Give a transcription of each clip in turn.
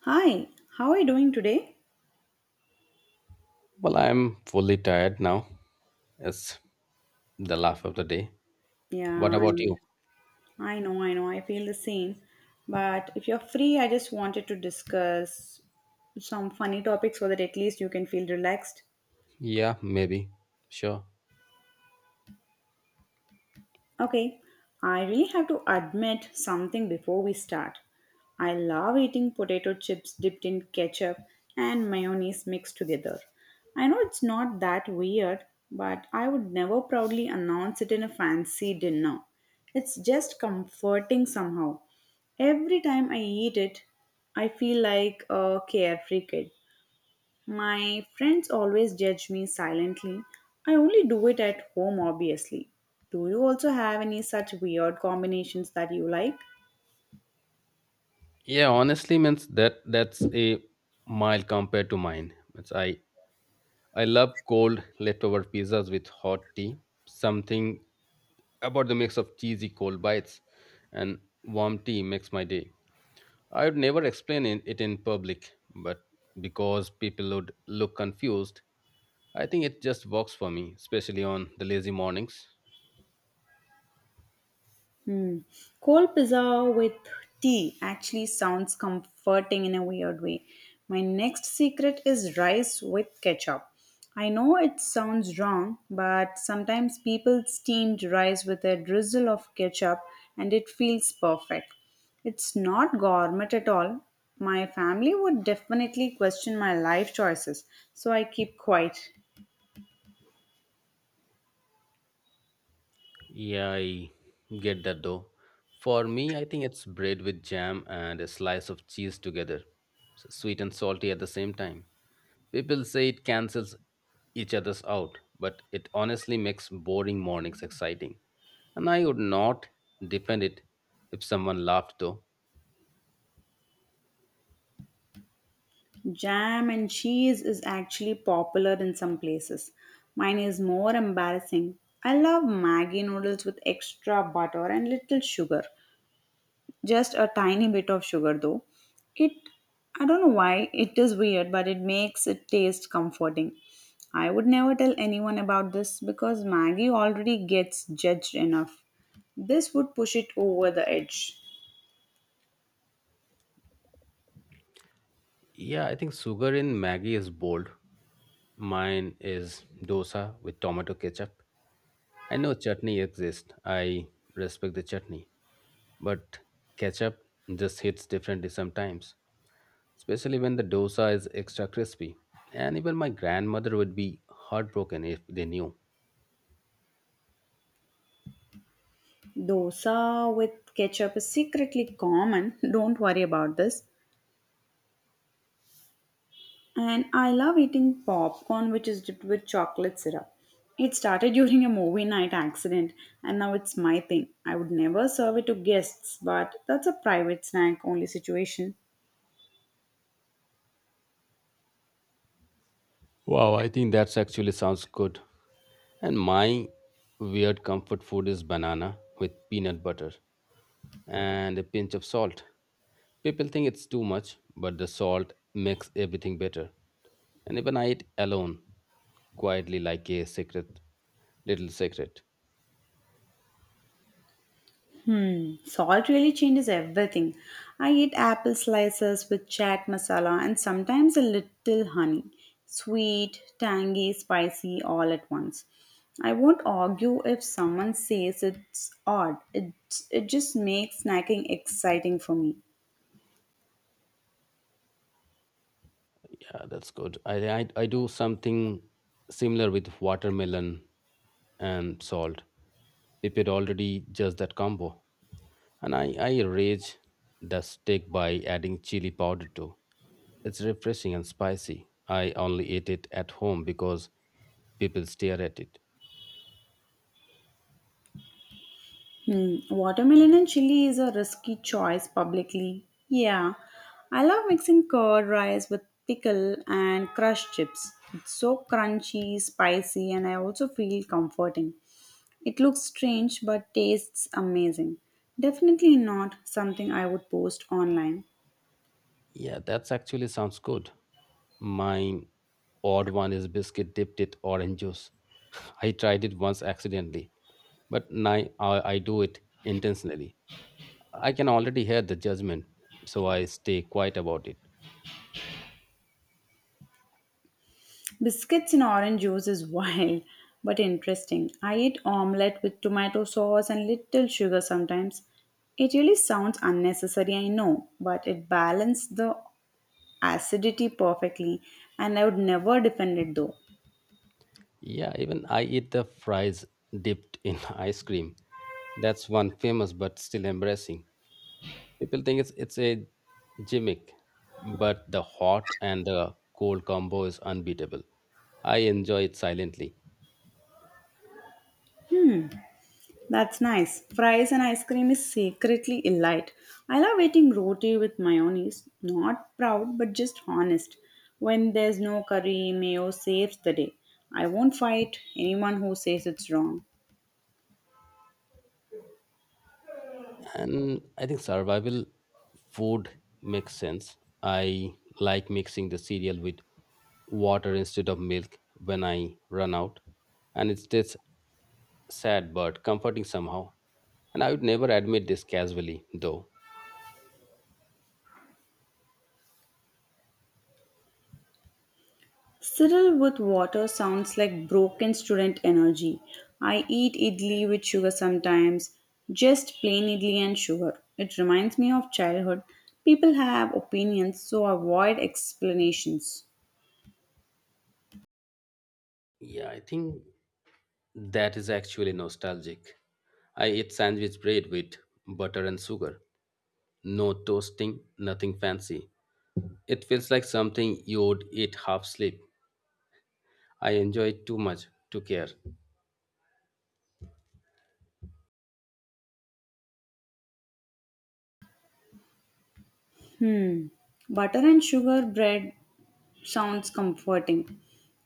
Hi, how are you doing today? Well, I'm fully tired now. It's the laugh of the day. What Yeah, about you? I know, I know, I feel the same. But if you're free, I just wanted to discuss some funny topics so that at least you can feel relaxed. Yeah, maybe. Sure. Okay, I really have to admit something before we start. I love eating potato chips dipped in ketchup and mayonnaise mixed together. I know it's not that weird, but I would never proudly announce it in a fancy dinner. It's just comforting somehow. Every time I eat it, I feel like a carefree kid. My friends always judge me silently. I only do it at home, obviously. Do you also have any such weird combinations that you like? Yeah, honestly, means that's a mild compared to mine. Means I love cold leftover pizzas with hot tea. Something about the mix of cheesy cold bites and warm tea makes my day. I would never explain it in public, but because people would look confused, I think it just works for me, especially on the lazy mornings. Hmm. Cold pizza with tea actually sounds comforting in a weird way. My next secret is rice with ketchup. I know it sounds wrong, but sometimes people steamed rice with a drizzle of ketchup and it feels perfect. It's not gourmet at all. My family would definitely question my life choices, so I keep quiet. Yeah, I get that though. For me, I think it's bread with jam and a slice of cheese together, so sweet and salty at the same time. People say it cancels each other's out, but it honestly makes boring mornings exciting. And I would not defend it if someone laughed though. Jam and cheese is actually popular in some places. Mine is more embarrassing. I love Maggi noodles with extra butter and little sugar. Just a tiny bit of sugar though. It I don't know why it is weird but it makes it taste comforting. I would never tell anyone about this because Maggi already gets judged enough. This would push it over the edge. Yeah, I think sugar in Maggie is bold. Mine is dosa with tomato ketchup. I know chutney exists. I respect the chutney. But ketchup just hits differently sometimes, especially when the dosa is extra crispy. And even my grandmother would be heartbroken if they knew. Dosa with ketchup is secretly common. Don't worry about this. And I love eating popcorn which is dipped with chocolate syrup. It started during a movie night accident and now it's my thing. I would never serve it to guests, but that's a private snack only situation. Wow, I think that's actually sounds good. And my weird comfort food is banana with peanut butter and a pinch of salt. People think it's too much, but the salt makes everything better. And even I eat alone, quietly like a secret, little secret. Hmm, salt really changes everything. I eat apple slices with chaat masala and sometimes a little honey. Sweet, tangy, spicy all at once. I won't argue if someone says it's odd. It just makes snacking exciting for me. Yeah, that's good. I do something similar with watermelon and salt. Pipit already just that combo. And I rage the steak by adding chili powder too. It's refreshing and spicy. I only ate it at home because people stare at it. Hmm, watermelon and chili is a risky choice publicly. Yeah, I love mixing curd rice with pickle and crushed chips. It's so crunchy, spicy, and I also feel comforting. It looks strange but tastes amazing. Definitely not something I would post online. Yeah, that's actually sounds good. My odd one is biscuit dipped in orange juice. I tried it once accidentally, but now I do it intentionally. I can already hear the judgment, so I stay quiet about it. Biscuits in orange juice is wild but interesting. I eat omelette with tomato sauce and little sugar sometimes. It really sounds unnecessary, I know, but it balances the acidity perfectly and I would never defend it though. Yeah, even I eat the fries dipped in ice cream. That's one famous but still embarrassing. People think it's a gimmick, but the hot and the cold combo is unbeatable. I enjoy it silently. That's nice. Fries and ice cream is secretly elite. I love eating roti with mayonnaise. Not proud, but just honest. When there's no curry, mayo saves the day. I won't fight anyone who says it's wrong. And I think survival food makes sense. I like mixing the cereal with water instead of milk when I run out. And it's just sad but comforting somehow. And I would never admit this casually, though. Cyril with water sounds like broken student energy. I eat idli with sugar sometimes, just plain idli and sugar. It reminds me of childhood. People have opinions, so avoid explanations. Yeah, I think that is actually nostalgic. I eat sandwich bread with butter and sugar. No toasting, nothing fancy. It feels like something you would eat half asleep. I enjoy it too much to care. Butter and sugar bread sounds comforting.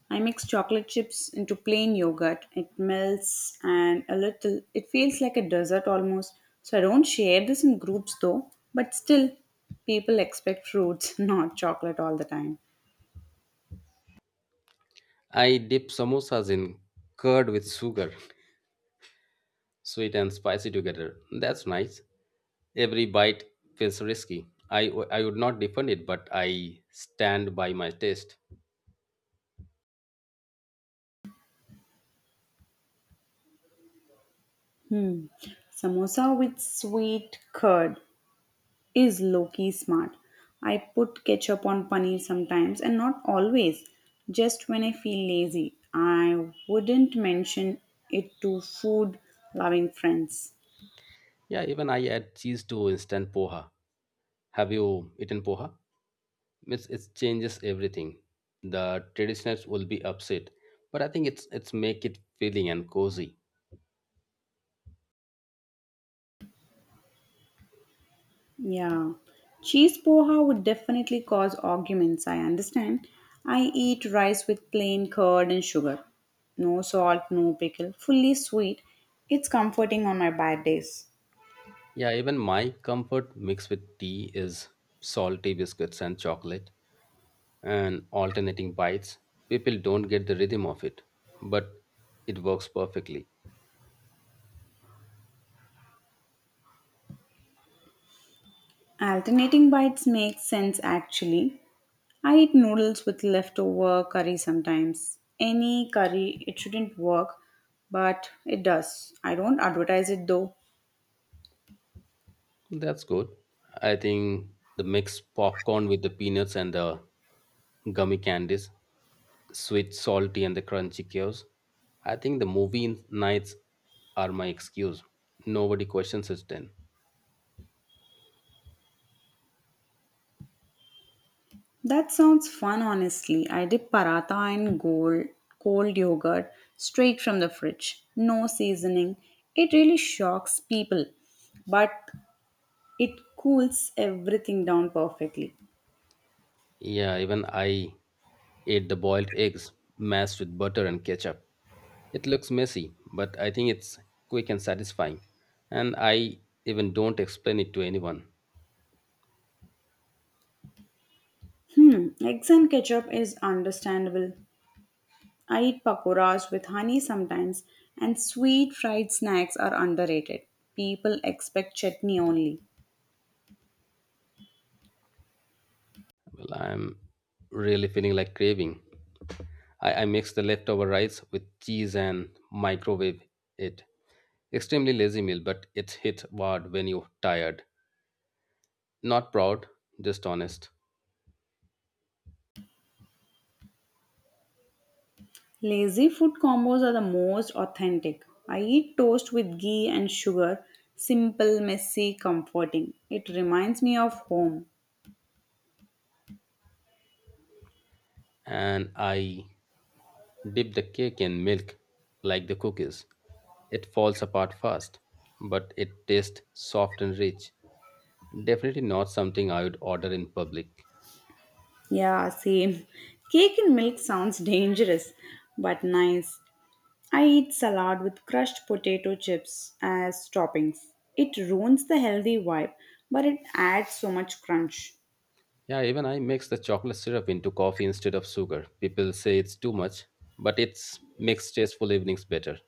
I mix chocolate chips into plain yogurt. It melts and a little, it feels like a dessert almost. So I don't share this in groups though, but still, people expect fruits, not chocolate all the time. I dip samosas in curd with sugar, sweet and spicy together. That's nice. Every bite feels risky. I would not defend it, but I stand by my taste. Hmm. Samosa with sweet curd is low key smart. I put ketchup on paneer sometimes and not always, just when I feel lazy. I wouldn't mention it to food loving friends. Yeah, even I add cheese to instant poha. Have you eaten poha? It's, it changes everything. The traditionalists will be upset, but I think it's make it filling and cozy. Yeah, cheese poha would definitely cause arguments, I understand. I eat rice with plain curd and sugar. No salt, no pickle, fully sweet. It's comforting on my bad days. Yeah, even my comfort mixed with tea is salty biscuits and chocolate and alternating bites. People don't get the rhythm of it, but it works perfectly. Alternating bites makes sense actually. I eat noodles with leftover curry sometimes. Any curry, it shouldn't work, but it does. I don't advertise it though. That's good. I think the mixed popcorn with the peanuts and the gummy candies sweet, salty, and the crunchy chaos. I think the movie nights are my excuse. Nobody questions it then. That sounds fun, honestly. I did paratha and cold yogurt straight from the fridge. No seasoning. It really shocks people, but it cools everything down perfectly. Yeah, even I ate the boiled eggs mashed with butter and ketchup. It looks messy, but I think it's quick and satisfying. And I even don't explain it to anyone. Hmm, eggs and ketchup is understandable. I eat pakoras with honey sometimes, and sweet fried snacks are underrated. People expect chutney only. Well, I'm really feeling like craving. I mix the leftover rice with cheese and microwave it. Extremely lazy meal, but it hits hard when you're tired. Not proud, just honest. Lazy food combos are the most authentic. I eat toast with ghee and sugar, simple, messy, comforting. It reminds me of home. And I dip the cake in milk like the cookies. It falls apart fast, but it tastes soft and rich. Definitely not something I would order in public. Yeah, same. Cake and milk sounds dangerous, but nice. I eat salad with crushed potato chips as toppings. It ruins the healthy vibe, but it adds so much crunch. Yeah, even I mix the chocolate syrup into coffee instead of sugar. People say it's too much, but it's makes tasteful evenings better.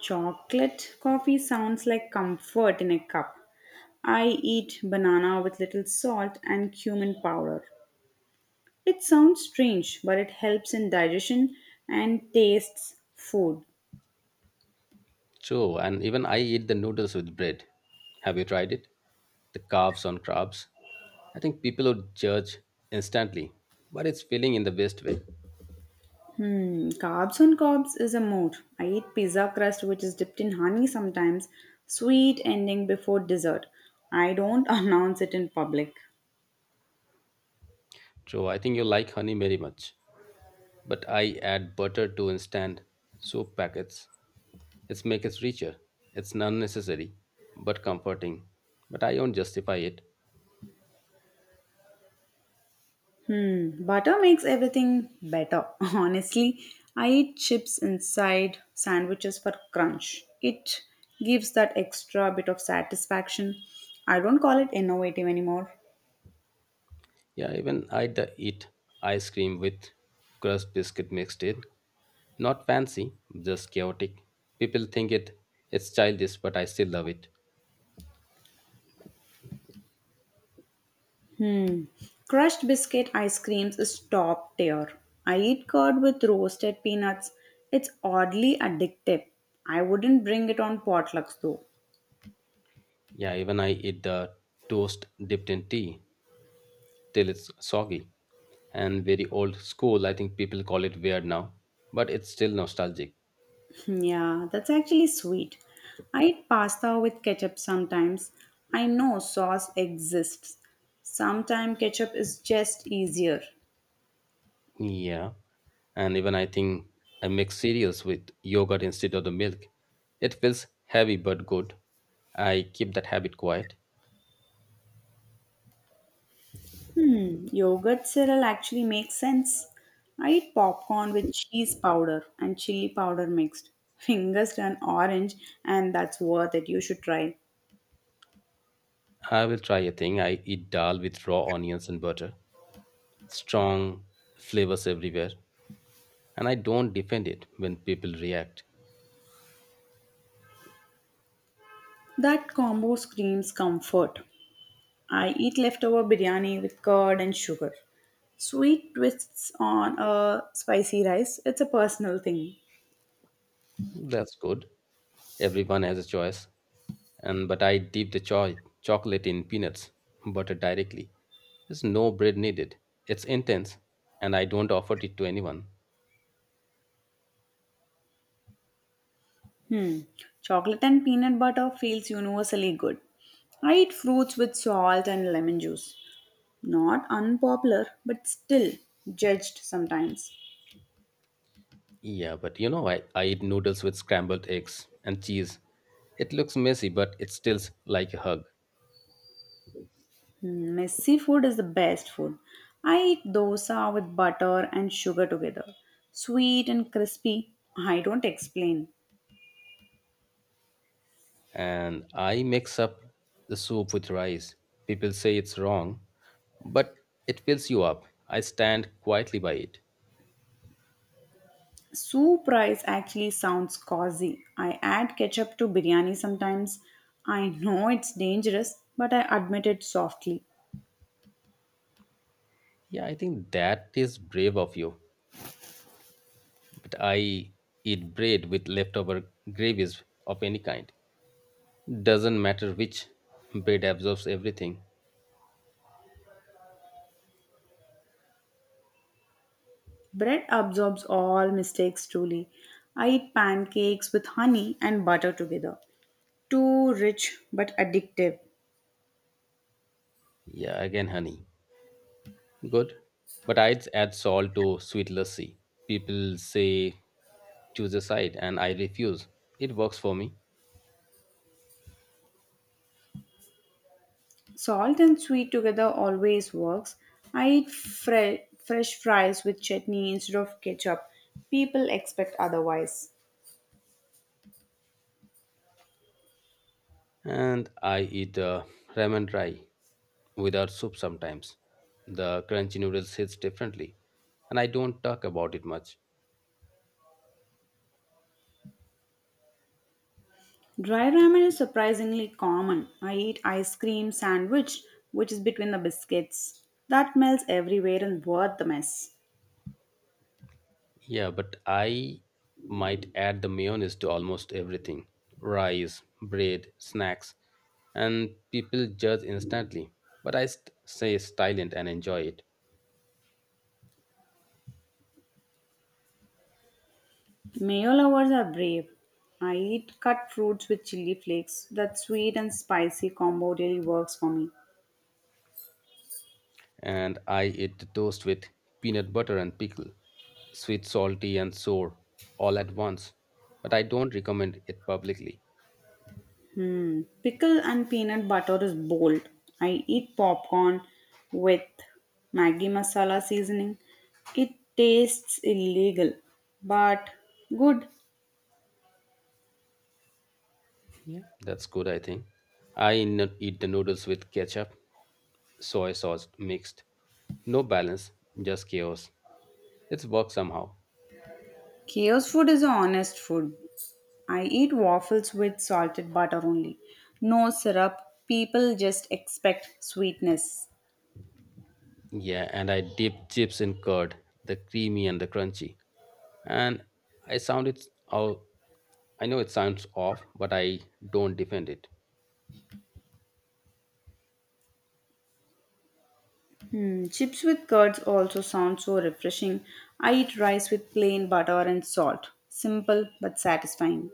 Chocolate coffee sounds like comfort in a cup. I eat banana with little salt and cumin powder. It sounds strange, but it helps in digestion and tastes food. True, and even I eat the noodles with bread. Have you tried it? The calves on crabs. I think people would judge instantly, but it's feeling in the best way. Hmm, carbs on carbs is a mood. I eat pizza crust which is dipped in honey sometimes, sweet ending before dessert. I don't announce it in public. True, I think you like honey very much, but I add butter to instant soup packets. It's make it richer. It's unnecessary, but comforting. But I don't justify it. Butter makes everything better. Honestly, I eat chips inside sandwiches for crunch. It gives that extra bit of satisfaction. I don't call it innovative anymore. Yeah, even I eat ice cream with crust biscuit mixed in. Not fancy, just chaotic. People think it's childish, but I still love it. Crushed biscuit ice creams is top tier. I eat curd with roasted peanuts. It's oddly addictive. I wouldn't bring it on potlucks though. Yeah, even I eat the toast dipped in tea till it's soggy and very old school. I think people call it weird now, but it's still nostalgic. Yeah, that's actually sweet. I eat pasta with ketchup sometimes. I know sauce exists. Sometimes ketchup is just easier. Yeah. And even I think I mix cereals with yogurt instead of the milk. It feels heavy but good. I keep that habit quiet. Yogurt cereal actually makes sense. I eat popcorn with cheese powder and chili powder mixed. Fingers turn orange, and that's worth it. You should try. I will try a thing. I eat dal with raw onions and butter. Strong flavors everywhere. And I don't defend it when people react. That combo screams comfort. I eat leftover biryani with curd and sugar. Sweet twists on a spicy rice, it's a personal thing. That's good. Everyone has a choice, and but I dip the chocolate in peanuts butter directly. There's no bread needed. It's intense, and I don't offer it to anyone. Chocolate and peanut butter feels universally good. I eat fruits with salt and lemon juice. Not unpopular, but still judged sometimes. Yeah, but you know, I eat noodles with scrambled eggs and cheese. It looks messy, but it stills like a hug. Hmm, messy food is the best food. I eat dosa with butter and sugar together. Sweet and crispy, I don't explain. And I mix up the soup with rice. People say it's wrong, but it fills you up. I stand quietly by it. Soup rice actually sounds cozy. I add ketchup to biryani sometimes. I know it's dangerous, but I admit it softly. Yeah, I think that is brave of you, but I eat bread with leftover gravies of any kind. Doesn't matter which bread absorbs everything. Bread absorbs all mistakes truly. I eat pancakes with honey and butter together. Too rich but addictive. Yeah, again, honey. Good. But I'd add salt to sweet lassi. People say choose a side, and I refuse. It works for me. Salt and sweet together always works. I eat fresh fries with chutney instead of ketchup. People expect otherwise. And I eat ramen dry without soup sometimes. The crunchy noodles hits differently, and I don't talk about it much. Dry ramen is surprisingly common. I eat ice cream sandwich, which is between the biscuits. That melts everywhere and worth the mess. Yeah, but I might add the mayonnaise to almost everything rice, bread, snacks, and people judge instantly. But I say silent and enjoy it. Mayo lovers are brave. I eat cut fruits with chili flakes. That sweet and spicy combo really works for me. And I eat the toast with peanut butter and pickle, sweet, salty, and sour all at once. But I don't recommend it publicly. Mm, pickle and peanut butter is bold. I eat popcorn with Maggi masala seasoning. It tastes illegal, but good. Yeah, that's good, I think. I eat the noodles with ketchup, soy sauce mixed. No balance, just chaos. It's work somehow. Chaos food is a honest food. I eat waffles with salted butter only. No syrup. People just expect sweetness. Yeah, and I dipped chips in curd, the creamy and the crunchy. And I sound it's out. I know it sounds off, but I don't defend it. Hmm, chips with curds also sound so refreshing. I eat rice with plain butter and salt. Simple but satisfying.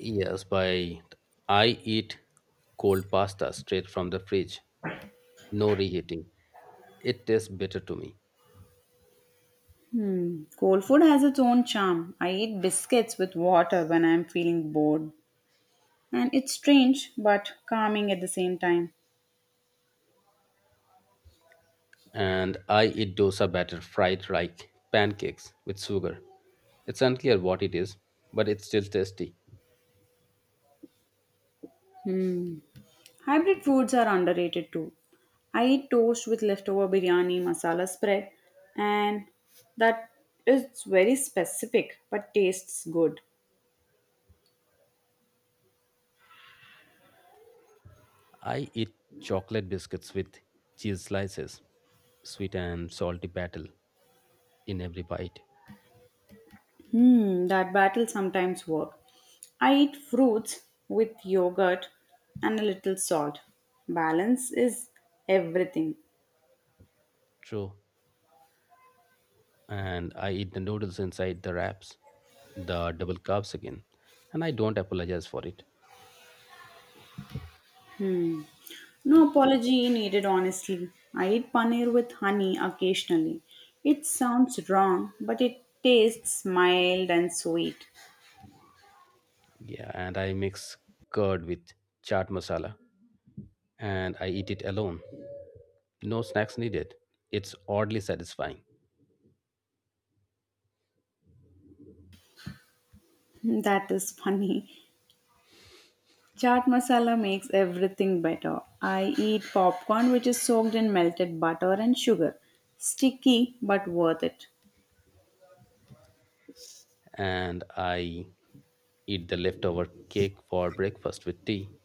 Yes, by I eat cold pasta straight from the fridge, no reheating. It tastes better to me. Hmm, cold food has its own charm. I eat biscuits with water when I am feeling bored. And it's strange but calming at the same time. And I eat dosa batter fried like pancakes with sugar. It's unclear what it is, but it's still tasty. Hybrid foods are underrated too. I eat toast with leftover biryani masala spread, and that is very specific but tastes good. I eat chocolate biscuits with cheese slices, sweet and salty battle in every bite. Hmm, that battle sometimes work. I eat fruits with yogurt and a little salt. Balance is everything. True. And I eat the noodles inside the wraps, the double carbs again. And I don't apologize for it. No apology needed, honestly. I eat paneer with honey occasionally. It sounds wrong, but it tastes mild and sweet. Yeah, and I mix curd with chaat masala. And I eat it alone. No snacks needed. It's oddly satisfying. That is funny. Chaat masala makes everything better. I eat popcorn which is soaked in melted butter and sugar. Sticky but worth it. And I eat the leftover cake for breakfast with tea.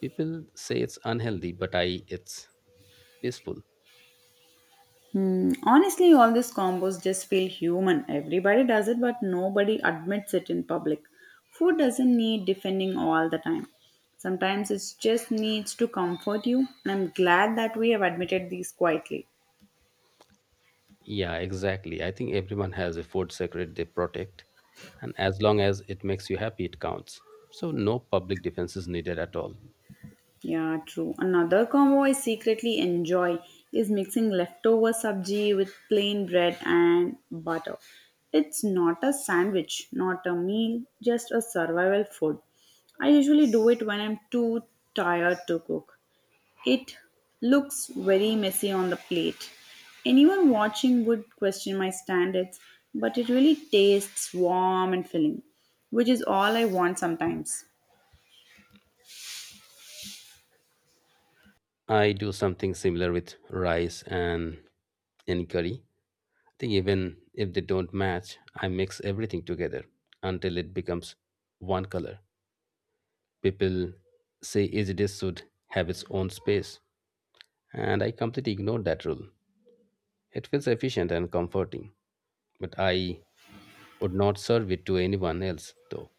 People say it's unhealthy, but I it's peaceful. Hmm. Honestly, all these combos just feel human. Everybody does it, but nobody admits it in public. Food doesn't need defending all the time. Sometimes it just needs to comfort you, and I'm glad that we have admitted these quietly. Yeah, exactly. I think everyone has a food secret they protect, and as long as it makes you happy, it counts. So, no public defense is needed at all. Yeah, true. Another combo I secretly enjoy is mixing leftover sabji with plain bread and butter. It's not a sandwich, not a meal, just a survival food. I usually do it when I'm too tired to cook. It looks very messy on the plate. Anyone watching would question my standards, but it really tastes warm and filling, which is all I want sometimes. I do something similar with rice and in curry. I think even if they don't match, I mix everything together until it becomes one color. People say each dish should have its own space, and I completely ignored that rule. It feels efficient and comforting, but I would not serve it to anyone else though.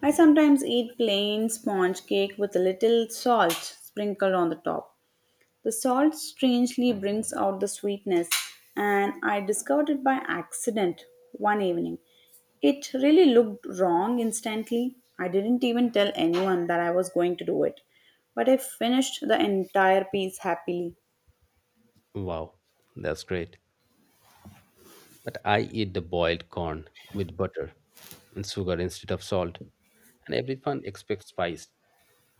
I sometimes eat plain sponge cake with a little salt sprinkled on the top. The salt strangely brings out the sweetness, and I discovered it by accident one evening. It really looked wrong instantly. I didn't even tell anyone that I was going to do it, but I finished the entire piece happily. Wow, that's great. But I eat the boiled corn with butter and sugar instead of salt. And everyone expects spice,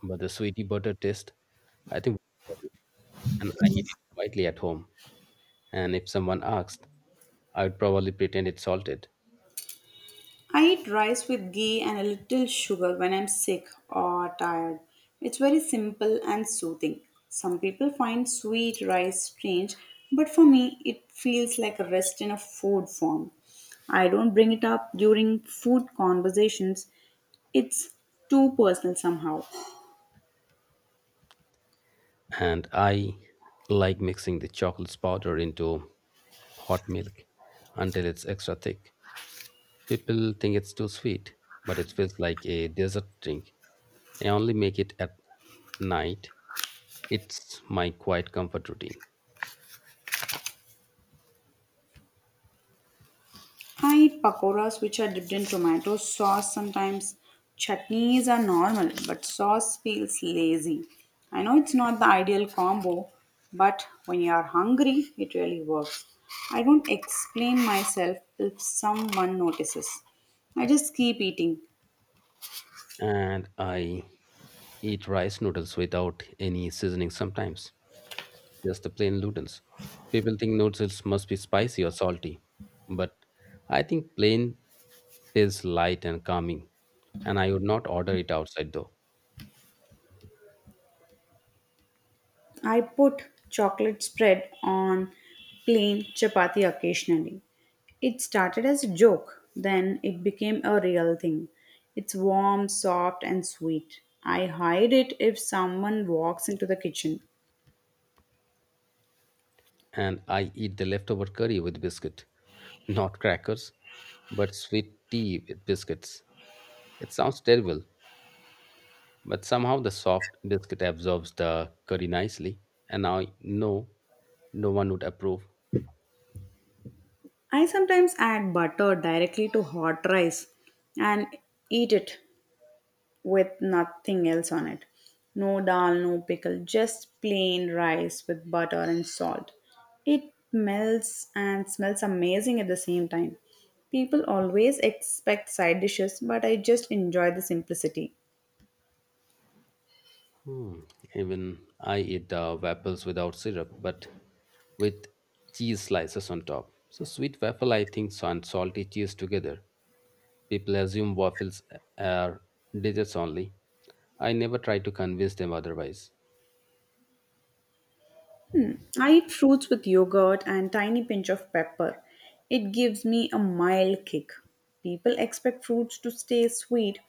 but the sweetie butter taste, I think, and I eat it quietly at home. And if someone asked, I would probably pretend it's salted. I eat rice with ghee and a little sugar when I'm sick or tired. It's very simple and soothing. Some people find sweet rice strange, but for me, it feels like a rest in a food form. I don't bring it up during food conversations, it's too personal somehow. And I like mixing the chocolate powder into hot milk until it's extra thick. People think it's too sweet, but it feels like a dessert drink. I only make it at night. It's my quiet comfort routine. I eat pakoras which are dipped in tomato sauce sometimes. Chutneys are normal, but sauce feels lazy. I know it's not the ideal combo, but when you are hungry, it really works. I don't explain myself if someone notices. I just keep eating. And I eat rice noodles without any seasoning sometimes, just the plain noodles. People think noodles must be spicy or salty, but I think plain tastes light and calming. And I would not order it outside though. I put chocolate spread on plain chapati occasionally. It started as a joke, then it became a real thing. It's warm, soft, and sweet. I hide it if someone walks into the kitchen. And I eat the leftover curry with biscuit, not crackers, but sweet tea with biscuits. It sounds terrible, but somehow the soft biscuit absorbs the curry nicely, and I know no one would approve. I sometimes add butter directly to hot rice and eat it with nothing else on it. No dal, no pickle, just plain rice with butter and salt. It melts and smells amazing at the same time. People always expect side dishes, but I just enjoy the simplicity. Hmm. Even I eat the waffles without syrup, but with cheese slices on top. So sweet waffle, I think, so and salty cheese together. People assume waffles are desserts only. I never try to convince them otherwise. I eat fruits with yogurt and tiny pinch of pepper. It gives me a mild kick. People expect fruits to stay sweet.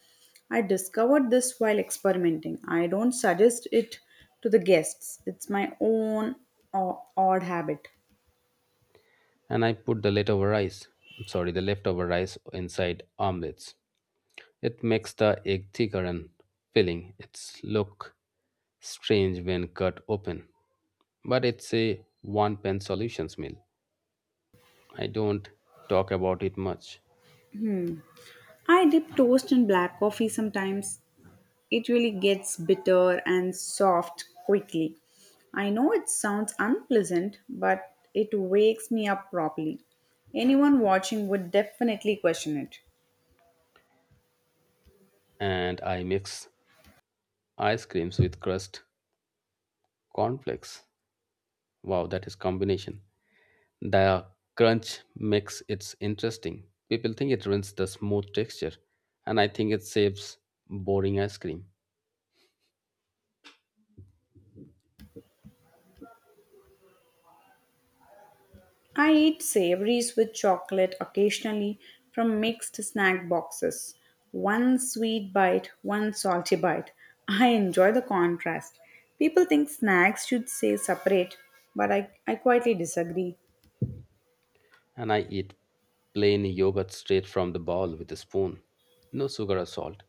I discovered this while experimenting. I don't suggest it to the guests. It's my own odd habit. And I put the leftover rice, sorry, the leftover rice inside omelets. It makes the egg thicker and filling. It's look strange when cut open, but it's a one pan solutions meal. I don't talk about it much, I dip toast in black coffee sometimes. It really gets bitter and soft quickly. I know it sounds unpleasant, but it wakes me up properly. Anyone watching would definitely question it. and I mix ice creams with crust cornflakes. Wow, that is combination. The crunch makes it interesting. People think it ruins the smooth texture, and I think it saves boring ice cream. I eat savories with chocolate occasionally from mixed snack boxes. One sweet bite, one salty bite. I enjoy the contrast. People think snacks should stay separate, but I quietly disagree. And I eat plain yogurt straight from the bowl with a spoon. No sugar or salt.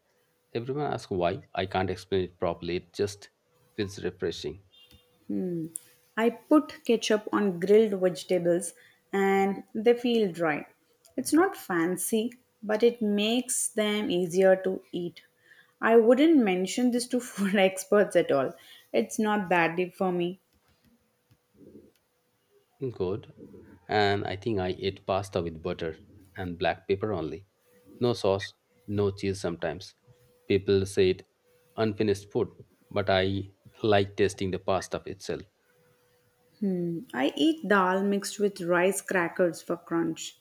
Everyone asks why. I can't explain it properly. It just feels refreshing. I put ketchup on grilled vegetables and they feel dry. It's not fancy, but it makes them easier to eat. I wouldn't mention this to food experts at all. It's not that deep for me. Good. And I think I eat pasta with butter and black pepper only. No sauce, no cheese sometimes. People say it unfinished food, but I like tasting the pasta itself. Hmm. I eat dal mixed with rice crackers for crunch.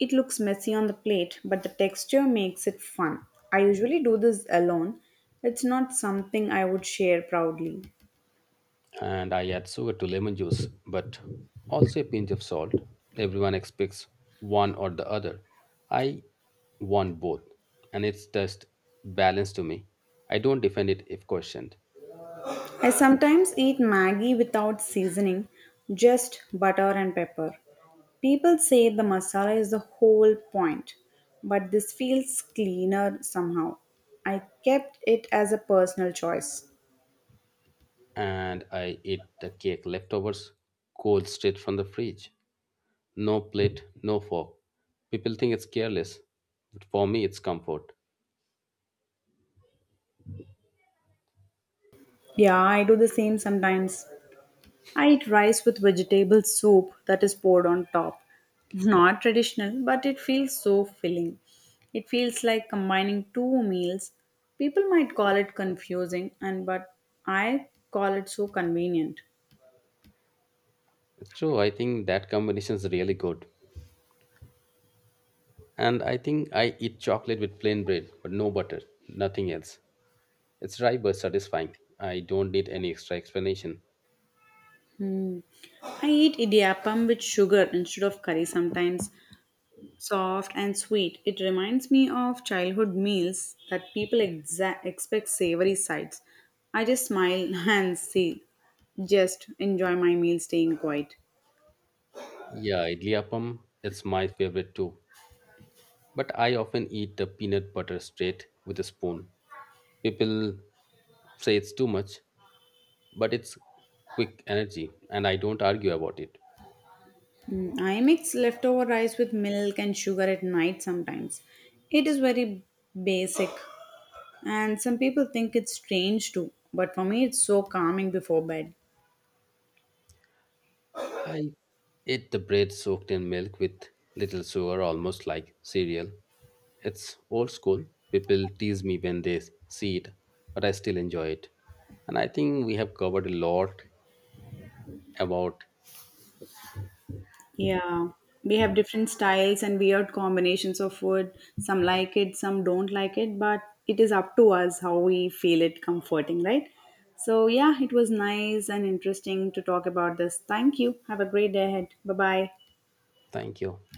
It looks messy on the plate, but the texture makes it fun. I usually do this alone. It's not something I would share proudly. And I add sugar to lemon juice, but also a pinch of salt. Everyone expects one or the other. I want both, and it's just balance to me. I don't defend it if questioned, I sometimes eat Maggie without seasoning, just butter and pepper. People say the masala is the whole point, but this feels cleaner somehow. I kept it as a personal choice. and I eat the cake leftovers cold straight from the fridge. No plate, no fork. People think it's careless, but for me, it's comfort. Yeah, I do the same sometimes. I eat rice with vegetable soup that is poured on top. Not traditional, but it feels so filling. It feels like combining two meals. People might call it confusing and but I call it so convenient. It's true. I think that combination is really good. And I think I eat chocolate with plain bread, but no butter, nothing else. It's dry but satisfying. I don't need any extra explanation. I eat idiyappam with sugar instead of curry sometimes. Soft and sweet, it reminds me of childhood meals that people expect savory sides. I just smile and say, just enjoy my meal staying quiet. Yeah, idli appam, it's my favorite too. But I often eat the peanut butter straight with a spoon. People say it's too much, but it's quick energy, and I don't argue about it. Mm, I mix leftover rice with milk and sugar at night sometimes. It is very basic, and some people think it's strange too, but for me, it's so calming before bed. I ate the bread soaked in milk with little sugar, almost like cereal. It's old school. People tease me when they see it, but I still enjoy it. And I think we have covered a lot about. Yeah, we have different styles and weird combinations of food. Some like it, some don't like it, but it is up to us how we feel it comforting, right? So, yeah, it was nice and interesting to talk about this. Thank you. Have a great day ahead. Bye bye. Thank you.